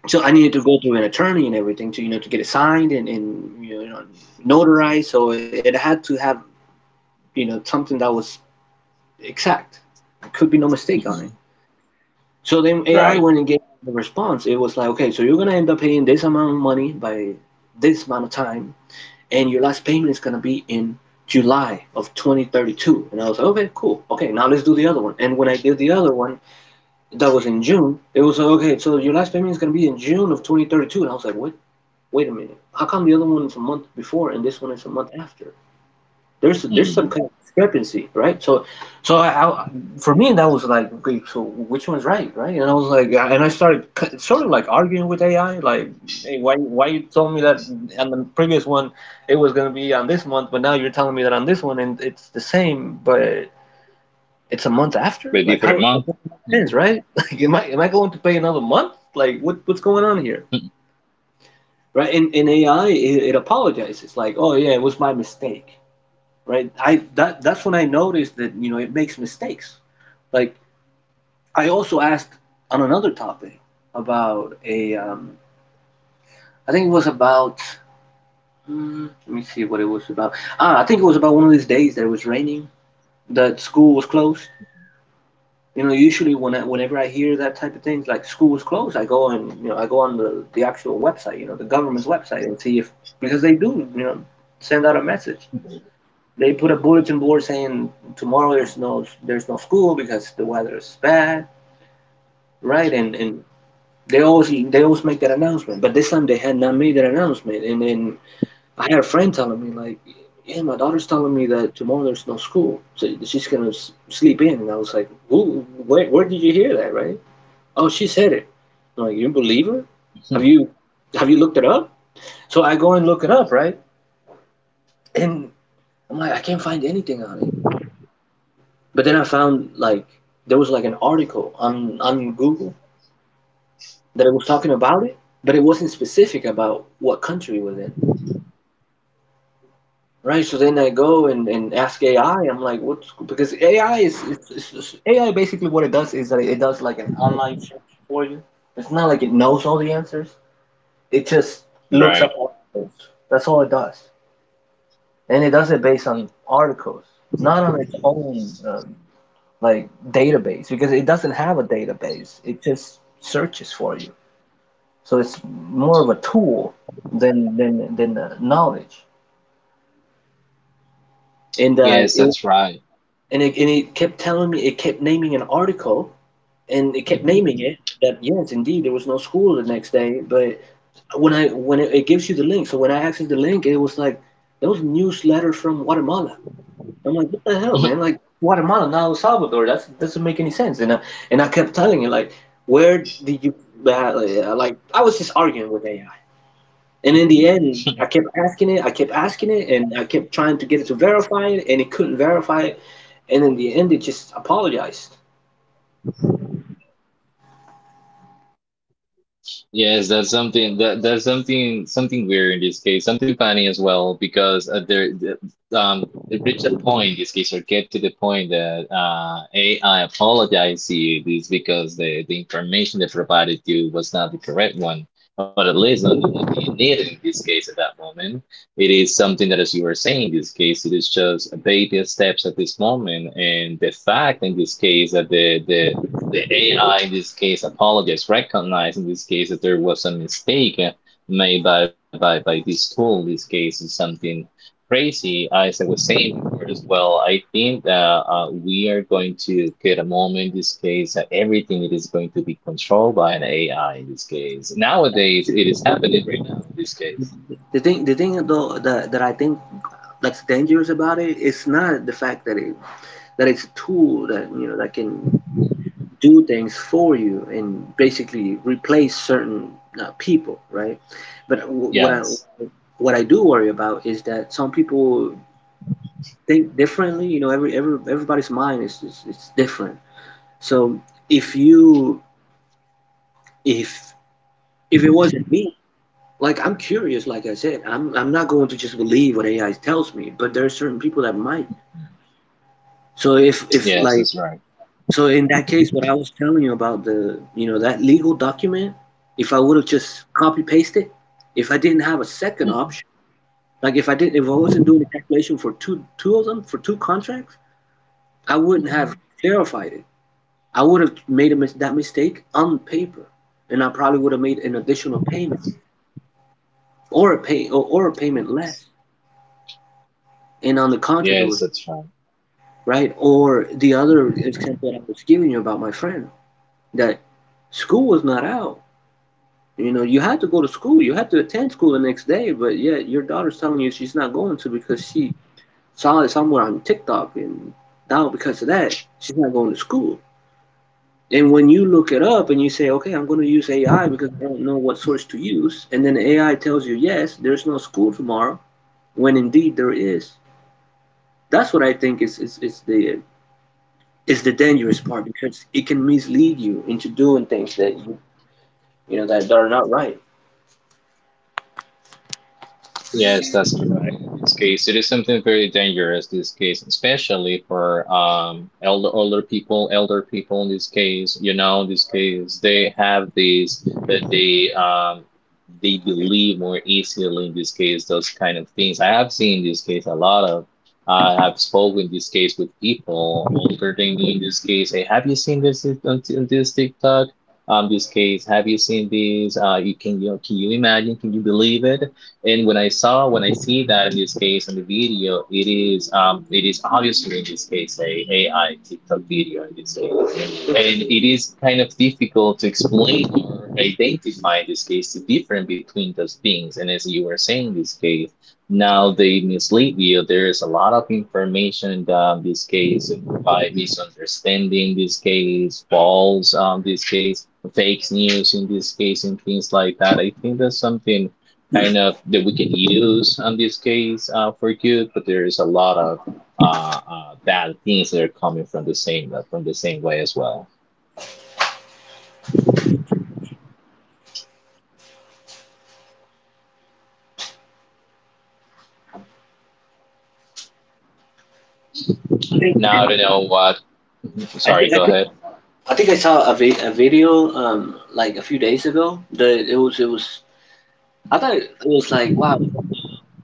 Speaker 2: so I needed to go through an attorney and everything to, you know, to get it signed and, and, notarized. So it had to have you know, something that was exact. There could be no mistake on it.
Speaker 1: Hmm.
Speaker 2: So then AI
Speaker 1: Right.
Speaker 2: went and gave the response. It was like, okay, so you're gonna end up paying this amount of money by this amount of time, and your last payment is gonna be in July of 2032. And I was like, okay, cool. Okay, now let's do the other one. And when I did the other one, that was in June. It was like, okay, so your last payment is gonna be in June of 2032. And I was like, what? Wait a minute. How come the other one is a month before and this one is a month after? There's some
Speaker 1: Hmm.
Speaker 2: kind of discrepancy, right? So I, for me that was like, okay, so which one's right, right? And I was like, and I started sort of like arguing with AI, like, hey, why you told me that on the previous one it was gonna be on this month, but now you're telling me that on this one and it's the same, but it's a month after?
Speaker 1: Ready
Speaker 2: Like
Speaker 1: for
Speaker 2: how that
Speaker 1: month?
Speaker 2: doesn't make sense,
Speaker 1: Mhm.
Speaker 2: right? Like am I going to pay another month? Like what's going on here? Right? In AI it apologizes, like, oh yeah, it was my mistake, right? I that's when I noticed that you know it makes mistakes. Like I also asked on another topic about a, I think it was about, let me see what it was about. Ah, I think it was about one of these days that it was raining, that school was closed. You know, usually when I, whenever I hear that type of things, like school was closed, I go and you know I go on the actual website, you know, the government's website and see if because they do you know send out a message, they put a bulletin board saying tomorrow there's no school because the weather is bad, right? And they always make that announcement, but this time they had not made that announcement. And then I had a friend telling me like, yeah, my daughter's telling me that tomorrow there's no school, so she's gonna sleep in. And I was like, who? Where did you hear that? Right? Oh, she said it. I'm like, you believe her? Have you have you looked it up? So I go and look it up, right? And I'm like, I can't find anything on it. But then I found like there was like an article on Google that it was talking about it, but it wasn't specific about what country it was in. Right, so then I go and, ask AI. I'm like, what's because AI is AI basically what it does is that it does like an online search for you. It's not like it knows all the answers. It just looks
Speaker 1: Right.
Speaker 2: up articles. That's all it does, and it does it based on articles, not on its own. Like database because it doesn't have a database. It just searches for you. So it's more of a tool than than the knowledge. And
Speaker 1: Yes,
Speaker 2: it
Speaker 1: that's right.
Speaker 2: and it, and it kept telling me, it kept naming an article, and it kept naming it that yes indeed there was no school the next day, but when I when it gives you the link, so when I accessed the link, it was like there was a newsletter from Guatemala. I'm like, what the hell, man? Like Guatemala, not El Salvador. That's doesn't make any sense. And I kept telling it like, where did you like? I was just arguing with AI. And in the end, I kept asking it, and I kept trying to get it to verify it, and it couldn't verify it. And in the end, it just apologized.
Speaker 1: Yes, that's something that that's something something weird in this case, something funny as well, because there it reached a point in this case or get to the point that AI apologized to you this because the information they provided you was not the correct one, or at least not the one you needed in this case at that moment. It is something that, as you were saying, in this case, it is just baby steps at this moment, and the fact in this case that the AI in this case apologized, recognized in this case that there was a mistake made by this tool. In this case, is something crazy. As I was saying before as well, I think that we are going to get a moment in this case that everything it is going to be controlled by an AI in this case. Nowadays, it is happening right now in this case.
Speaker 2: The thing though that, that I think that's dangerous about it is not the fact that it's a tool that you know that can do things for you and basically replace certain people, right? But
Speaker 1: Yes,
Speaker 2: what I do worry about is that some people think differently. You know, everybody's mind is is different. So if you if if it wasn't me, like I'm curious, like I said, I'm not going to just believe what AI tells me, but there are certain people that might. So if
Speaker 1: yes,
Speaker 2: like,
Speaker 1: that's right.
Speaker 2: so in that case, what I was telling you about the, you know, that legal document, if I would have just copy pasted, if I didn't have a second option, like if I didn't, if I wasn't doing the calculation for two, for two contracts, I wouldn't have
Speaker 1: Mhm.
Speaker 2: clarified it. I would have made a that mistake on paper, and I probably would have made an additional payment or a or a payment
Speaker 1: Yes,
Speaker 2: less. And on the contract, it was
Speaker 1: Yes, that's right.
Speaker 2: right. Or the other example that I was giving you about my friend, that school was not out. You know, you had to go to school. You had to attend school the next day, but yet your daughter's telling you she's not going to because she saw it somewhere on TikTok, and now because of that, she's not going to school. And when you look it up and you say, okay, I'm going to use AI because I don't know what source to use, and then AI tells you, yes, there's no school tomorrow, when indeed there is. That's what I think is, is the dangerous part because it can mislead you into doing things that you know that, that are not right.
Speaker 1: Yes, that's correct. In this case, it is something very dangerous. This case, especially for elder older people, elder people. In this case, you know, in this case, they have these that they believe more easily. In this case, those kind of things. I have seen this case a lot of. I have spoken in this case with people older than me. In this case, hey, have you seen this on this TikTok? This case, have you seen this? You can you know, can you imagine? Can you believe it? And when I saw, when I see that in this case on the video, it is obviously in this case a AI TikTok video in this case, and it is kind of difficult to explain or identify in this case the difference between those things. And as you were saying, in this case, now they mislead you. There is a lot of information that in this case by misunderstanding, in this case false, this case fake news in this case and things like that. I think that's something kind of that we can use on this case for good, but there is a lot of bad things that are coming from the same way as well.
Speaker 2: I think
Speaker 1: Now I don't know what. Mhm.
Speaker 2: I
Speaker 1: Sorry,
Speaker 2: think I
Speaker 1: go
Speaker 2: think
Speaker 1: ahead.
Speaker 2: I think I saw a, vi- a video like a few days ago that it was, it was, I thought it was like wow,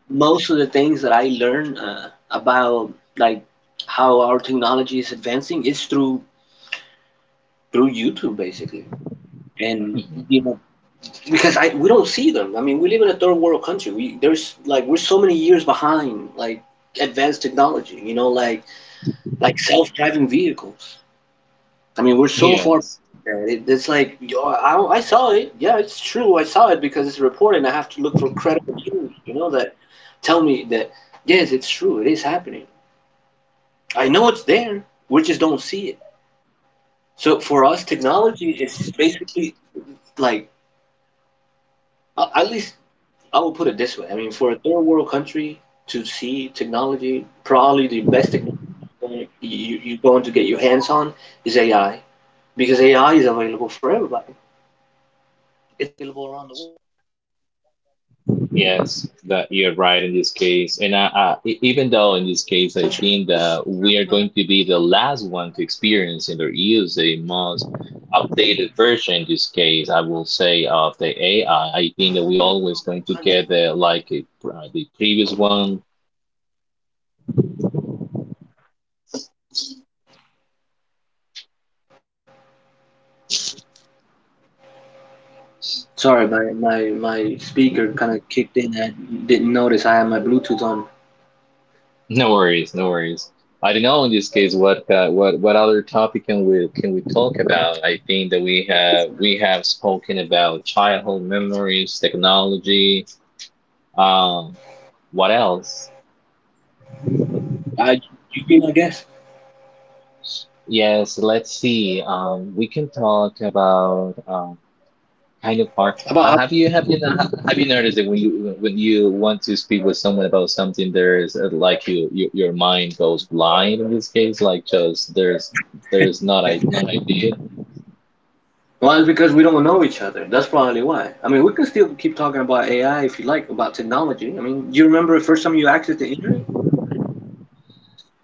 Speaker 2: most of the things that I learn about like how our technology is advancing is through YouTube basically, and
Speaker 1: Mhm.
Speaker 2: you know because I, we don't see them. I mean, we live in a third world country. We there's like we're so many years behind like advanced technology, you know, like self-driving vehicles. I mean, we're so far back.
Speaker 1: Yes.
Speaker 2: It, it's like yo, I saw it. Yeah, it's true. I saw it because it's reported, and I have to look for credible news, you know, that tell me that yes, it's true. It is happening. I know it's there. We just don't see it. So for us, technology is basically like at least I will put it this way. I mean, for a third world country to see technology, probably the best technology you're going to get your hands on is AI, because AI is available for everybody. It's available around the
Speaker 1: Yes, that you're right in this case. And e- even though in this case, I
Speaker 2: such
Speaker 1: think
Speaker 2: is
Speaker 1: that we are going to be the last one to experience and or use the most updated version in this case, I will say of the AI. I think that we
Speaker 2: in a
Speaker 1: always going to get
Speaker 2: country.
Speaker 1: the like a, the previous one.
Speaker 2: Sorry, my speaker kind of kicked in. I didn't notice I had my Bluetooth on.
Speaker 1: No worries, no worries. I don't know in this case what other topic can we talk about? I think that we have spoken about childhood memories, technology. Um, what else?
Speaker 2: I, you mean, I guess.
Speaker 1: Yes, let's see. We can talk about kind of hard.
Speaker 2: About
Speaker 1: Have
Speaker 2: how,
Speaker 1: you not, have you noticed that when you want to speak with someone about something, there's like you your mind goes blind in this case, like just there's not a not ideas.
Speaker 2: well, it's because we don't know each other. That's probably why. I mean, we can still keep talking about AI if you like, about technology. I mean, do you remember the first time you accessed the internet?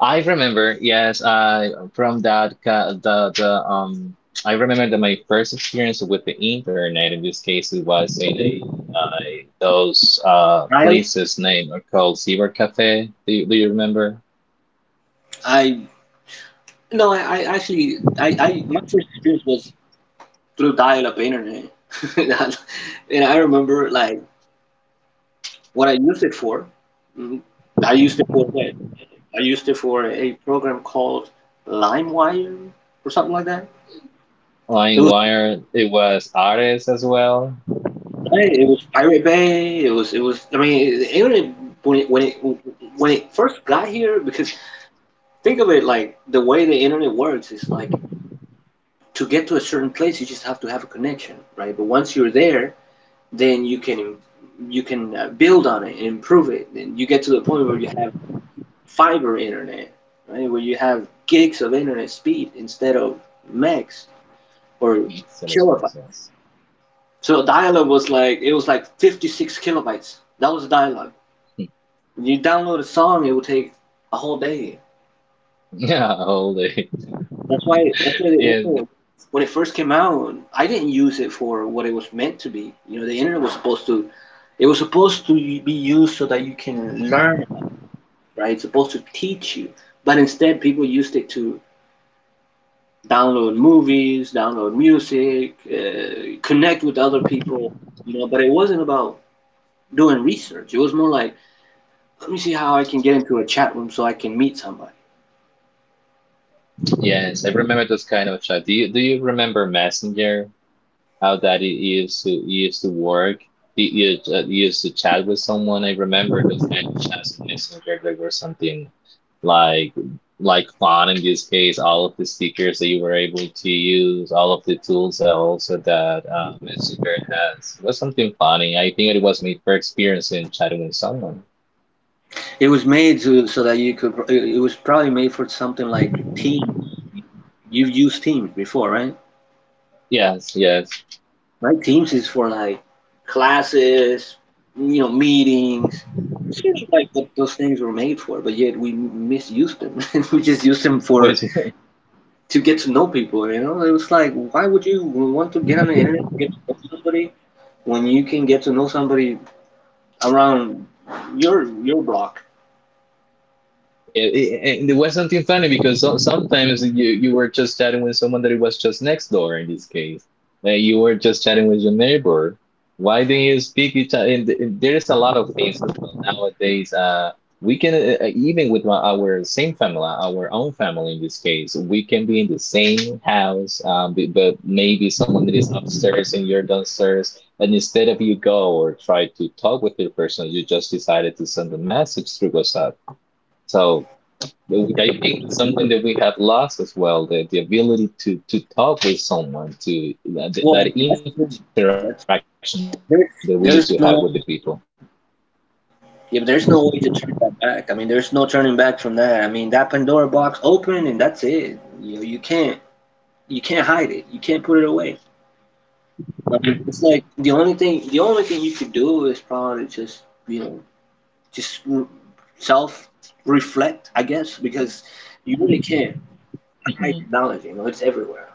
Speaker 1: I remember, yes, I from that ca- the I remember that my first experience with the internet in this case it was in a uh, those
Speaker 2: Dial?
Speaker 1: places name are called Cyber Cafe. Do you remember?
Speaker 2: I no, I actually, I my first experience was through dial-up internet, and I remember like what I used it for. Mm, I used it for that. I used it for a program called LimeWire or something like that. It
Speaker 1: Line
Speaker 2: was
Speaker 1: Wire. It was Ares as well.
Speaker 2: it was Pirate Bay. It was it was. I mean, the internet when it when it when it first got here, because think of it, like the way the internet works is like, to get to a certain place, you just have to have a connection, right? But once you're there, then you can build on it and improve it. And you get to the point where you have fiber internet, right? Where you have gigs of internet speed instead of megs or
Speaker 1: Celos
Speaker 2: kilobyte.
Speaker 1: Max, yes.
Speaker 2: So dial-up was like, it was like 56 kilobytes. That was dial-up. When you download a song, it would take a whole day.
Speaker 1: Yeah, all day.
Speaker 2: That's why
Speaker 1: Yeah,
Speaker 2: the when it first came out, I didn't use it for what it was meant to be. You know, the internet was supposed to be used so that you can learn about it, right? It's supposed to teach you. But instead, people used it to download movies, download music, connect with other people. You know, but it wasn't about doing research. It was more like, let me see how I can get into a chat room so I can meet somebody.
Speaker 1: yes, I remember those kind of chat. Do you remember Messenger? How that he used to work. Used to chat with someone. I remember it was kind of chats on Messenger. They were something like fun in this case. All of the stickers that you were able to use, all of the tools that also that Messenger has it was something funny. I think it was my first experience in chatting with someone.
Speaker 2: It was made to, so that you could. It was probably made for something like Teams. You've used Teams before, right?
Speaker 1: Yes, yes.
Speaker 2: Right. Teams is for like classes, you know, meetings. Sort of like what those things were made for, but yet we misused them. We just used them
Speaker 1: What
Speaker 2: for
Speaker 1: is.
Speaker 2: to get to know people. You know, it was like, why would you want to get on the internet to get to know somebody when you can get to know somebody around your block?
Speaker 1: Yeah, it, and there was something funny because so, sometimes you were just chatting with someone that it was just next door in this case. Like you were just chatting with your neighbor. Why didn't you speak each other? And, and there is a lot of things as well nowadays. We can even with our same family, our own family in this case. We can be in the same house, but maybe someone that is upstairs and you're downstairs, and instead of you go or try to talk with the person, you just decided to send a message through WhatsApp. So I think something that we have lost as well, the ability to talk with someone, to that
Speaker 2: Well, I mean,
Speaker 1: interaction that we used to have with
Speaker 2: that's
Speaker 1: the people.
Speaker 2: there's there's no, yeah, but there's no way to turn that back. I mean, there's no turning back from that. I mean, that Pandora box opened and that's it. You know, you can't hide it. You can't put it away. I mean, it's like, the only thing you could do is probably just, you know, just r self reflect, I guess, because you really can't
Speaker 1: hmm
Speaker 2: hide knowledge. You know, it's everywhere.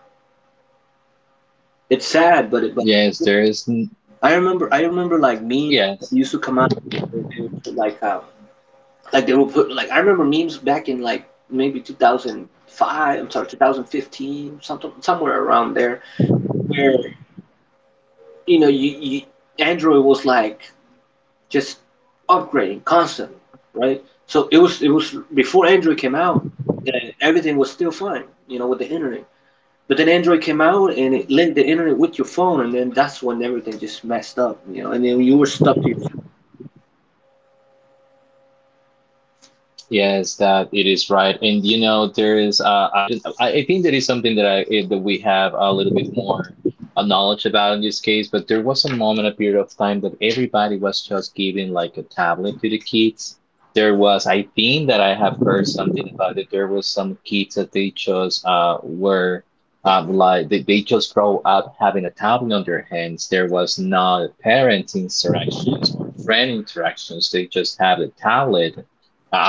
Speaker 2: It's sad, but
Speaker 1: Yes, there is.
Speaker 2: I remember like me
Speaker 1: Yes.
Speaker 2: used to come out, they would put like like they will put like, I remember memes back in like maybe 2005. I'm sorry, 2015, something somewhere around there, where, you know, you Android was like just upgrading constantly, right? So it was before Android came out that everything was still fine, you know, with the internet. But then Android came out and it linked the internet with your phone, and then that's when everything just messed up, you know. And then you were stuck to
Speaker 1: Yes, that it is right, and you know there is. I don't. I think that is something that we have a little bit more knowledge about in this case. But there was a moment, a period of time that everybody was just giving like a tablet to the kids. There was, I think that I have heard something about it. There was some kids that they just were like they just grow up having a tablet on their hands. There was not parent interactions or friend interactions. They just have a tablet.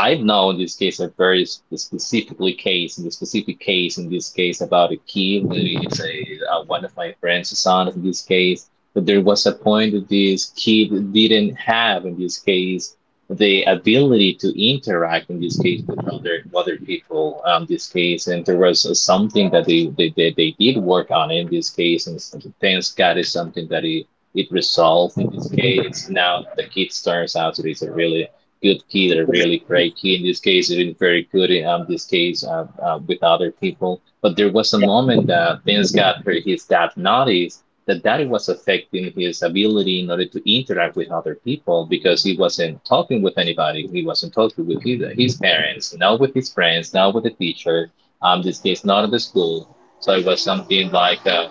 Speaker 1: I've known this case a very specific case in this case about a kid. It's a one of my friend's son in this case. But there was a point that this kid didn't have in this case the ability to interact in this case with other people this case, and there was something that they did work on in this case, and thanks God is something that it resolved in this case. Now the kid turns out to be a really good kid, a
Speaker 2: with the,
Speaker 1: really great kid. In this case, he's been very good in this case with other people. But there was a
Speaker 2: yeah.
Speaker 1: moment that things got where his dad noticed that that was affecting his ability in order to interact with other people because he wasn't talking with anybody. He wasn't talking with his parents, not with his friends, not with the teacher. This case, not at the school. So it was something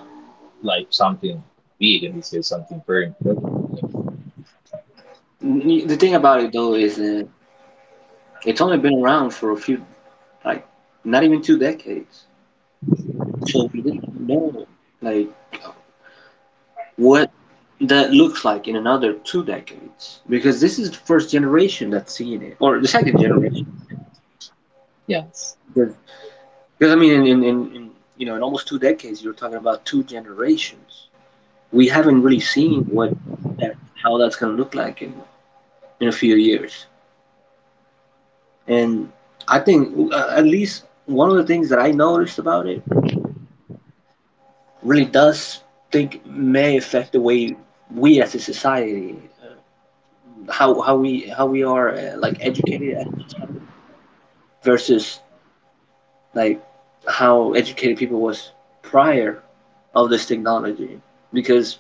Speaker 1: like something big, and this is something very important.
Speaker 2: The thing about it though is that it's only been around for a few, like not even two decades. So we really don't know like what that looks like in another two decades, because this is the first generation that's seeing it, or the second generation.
Speaker 1: Yes.
Speaker 2: Because, I mean, in you know, in almost two decades, you're talking about two generations. We haven't really seen what that, how that's gonna look like in a few years. And I think at least one of the things that I noticed about it really does think may affect the way we, as a society, how we are like educated as a society versus like how educated people was prior of this technology. Because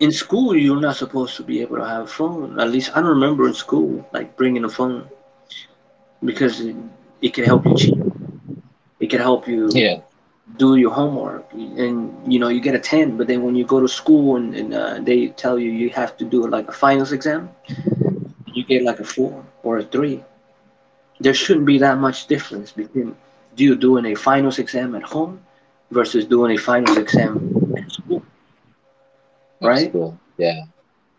Speaker 2: in school you're not supposed to be able to have a phone. At least I don't remember in school like bringing a phone because it could help you cheat. It can help you
Speaker 1: Yeah,
Speaker 2: do your homework and you know you get a 10, but then when you go to school and, they tell you you have to do like a finals exam, you get like a 4 or a 3. There shouldn't be that much difference between you doing a finals exam at home versus doing a finals exam at school,
Speaker 1: that's
Speaker 2: right?
Speaker 1: cool. Yeah.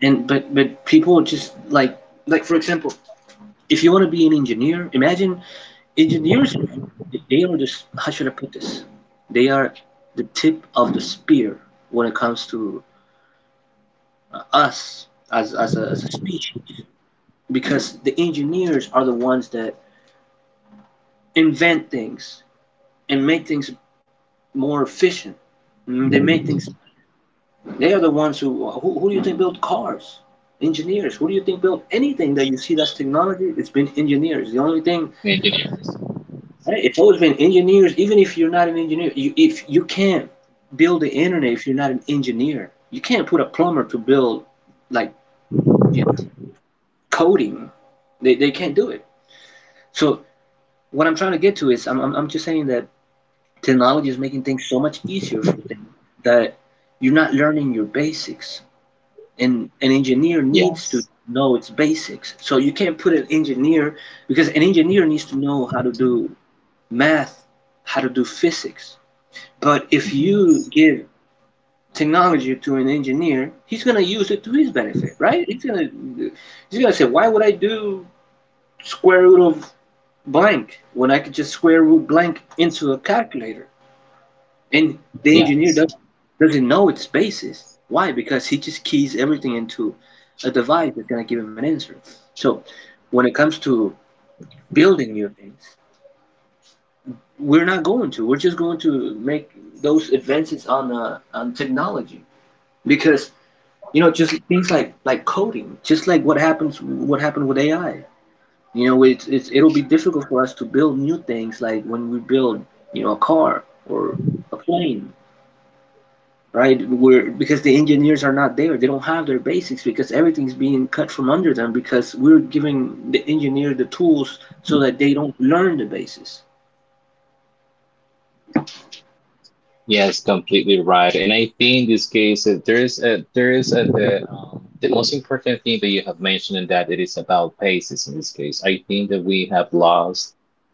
Speaker 2: And, but people just like, for example, if you want to be an engineer, imagine engineers, and they are just, how should I put this, they are the tip of the spear when it comes to us as as a species, because the engineers are the ones that invent things and make things more efficient. They make things. They are the ones who do you think built cars? Engineers. Who do you think built anything that you see that's technology? It's been engineers. The only thing,
Speaker 1: Engineers.
Speaker 2: right? It's always been engineers. Even if you're not an engineer, you, if you can't build the internet if you're not an engineer. You can't put a plumber to build, like you know, coding. They can't do it. So what I'm trying to get to is, I'm just saying that technology is making things so much easier for them that you're not learning your basics. And an engineer needs to
Speaker 1: Yes.
Speaker 2: know its basics. So you can't put an engineer, because an engineer needs to know how to do math, how to do physics. But if
Speaker 1: Mhm.
Speaker 2: you give technology to an engineer, he's gonna use it to his benefit, right? He's gonna say, why would I do square root of blank when I could just square root blank into a calculator? And the engineer
Speaker 1: Yes.
Speaker 2: doesn't know its basis. Why? Because he just keys everything into a device that's going to give him an answer. So when it comes to building new things, we're not going to. We're just going to make those advances on technology because, you know, just things like coding, just like what happened with AI. You know, it'll be difficult for us to build new things like when we build, you know, a car or a plane, right? We're, because the engineers are not there. They don't have their basics because everything's being cut from under them, because we're giving the engineer the tools so that they don't learn the basics.
Speaker 1: Yes, completely right. And I think in this case, there is a, the most important thing that you have mentioned in that it is about paces. In this case, I think that we have lost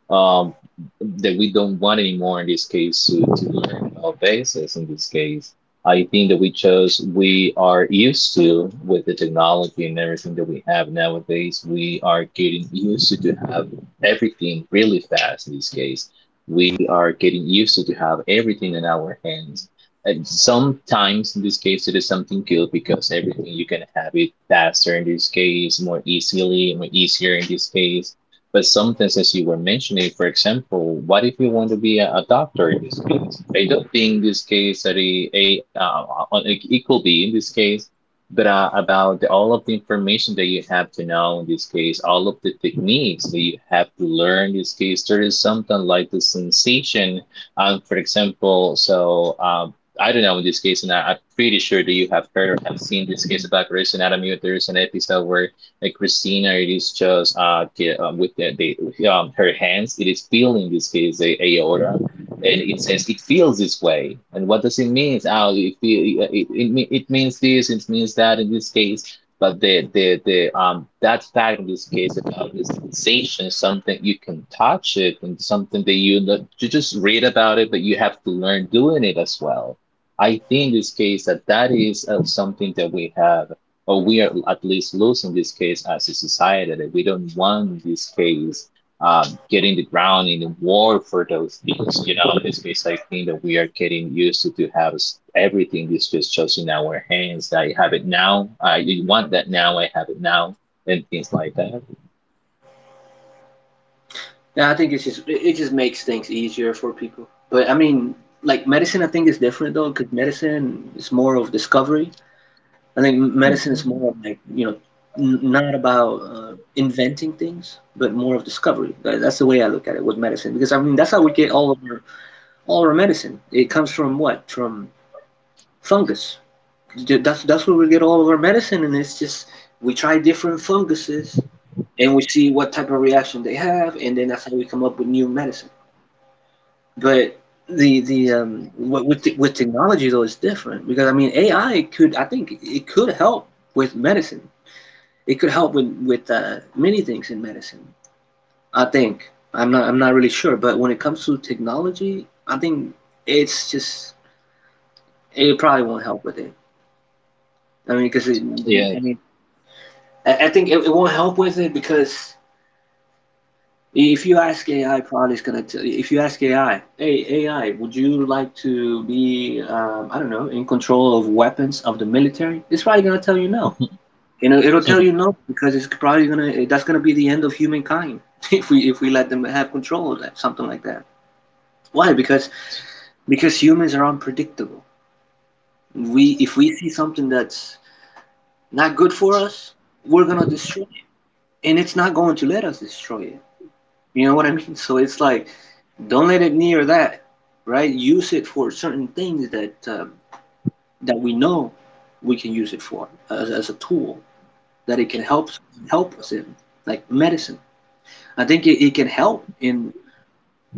Speaker 1: um, that we don't want anymore in this case to learn about bases. In this case, I think that we are used to with the technology and everything that we have nowadays. We are getting used to have everything really fast in this case. We are getting used to have everything in our hands. And sometimes, in this case, it is something good because everything you can have it faster in this case, more easily, more easier in this case. But sometimes, as you were mentioning, for example, what if you want to be a doctor in this case? I don't think in this case that it could be in this case, but about all of the information that you have to know in this case, all of the techniques that you have to learn in this case, there is something like the sensation. For example, so I don't know in this case, and I'm pretty sure that you have heard or have seen this case about Grey's Anatomy. There is an episode where like Christina, it is just with the her hands, it is feeling this case the aorta, and it says it feels this way. And what does it mean? Oh, it, feel, it, me- it means this, it means that in this case. But the that fact in this case about this sensation, something you can touch it and something that you know, you just read about it, but you have to learn doing it as well. I think in this case that that is something that we have or we are at least losing this case as a society, that we don't want this case getting the ground in the war for those things. You know, in this case, I think that we are getting used to have everything is just in our hands. I have it now. I want that now. I have it now, and things like that.
Speaker 2: And I think it's just, it just makes things easier for people. But I mean, like medicine, I think is different though, because medicine is more of discovery. I think medicine is
Speaker 1: hmm
Speaker 2: more of like, you know, not about inventing things but more of discovery. That, that's the way I look at it with medicine, because I mean, that's how we get all of our, all our medicine, it comes from what, from fungus. That's where we get all of our medicine, and it's just we try different funguses and we see what type of reaction they have, and then that's how we come up with new medicine. But the, what with the, with technology though is different, because I mean AI could, I think it could help with medicine. It could help with many things in medicine. I think, I'm not really sure, but when it comes to technology, I think it's just, it probably won't help with it. I mean, because I
Speaker 1: Yeah.
Speaker 2: mean, I think it, it won't help with it, because if you ask AI, probably it's gonna. If you ask AI, hey AI, would you like to be, I don't know, in control of weapons of the military? It's probably gonna tell you no. You know, it'll tell you no, because it's probably gonna. That's gonna be the end of humankind if we let them have control of that, something like that. Why? Because humans are unpredictable. We, if we see something that's not good for us, we're gonna destroy it, and it's not going to let us destroy it. You know what I mean? So it's like, don't let it near that, right? Use it for certain things that that we know we can use it for as a tool, that it can help help us in, like medicine. I think it, it can help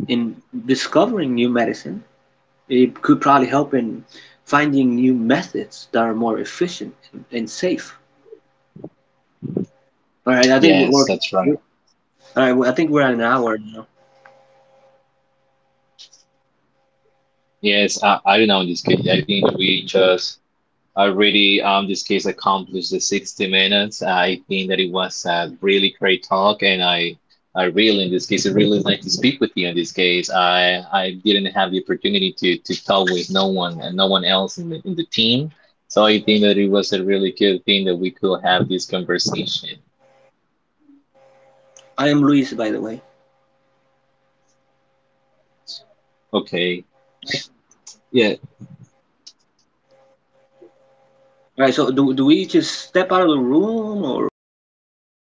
Speaker 2: in discovering new medicine. It could probably help in finding new methods that are more efficient and safe. All right, I think we're
Speaker 1: Yes,
Speaker 2: working.
Speaker 1: that's
Speaker 2: All
Speaker 1: right.
Speaker 2: right. Well, I think we're at an hour now.
Speaker 1: Yes, I don't know. In this case, I think that we just already this case accomplished the 60 minutes. I think that it was a really great talk, and I really, in this case, I really like to speak with you. In this case, I didn't have the opportunity to talk with no one and no one else in the team. So I think that it was a really good thing that we could have this conversation.
Speaker 2: I am Luis, by the way.
Speaker 1: Okay. Yeah.
Speaker 2: All right, so do, do we just step out of the room or what? What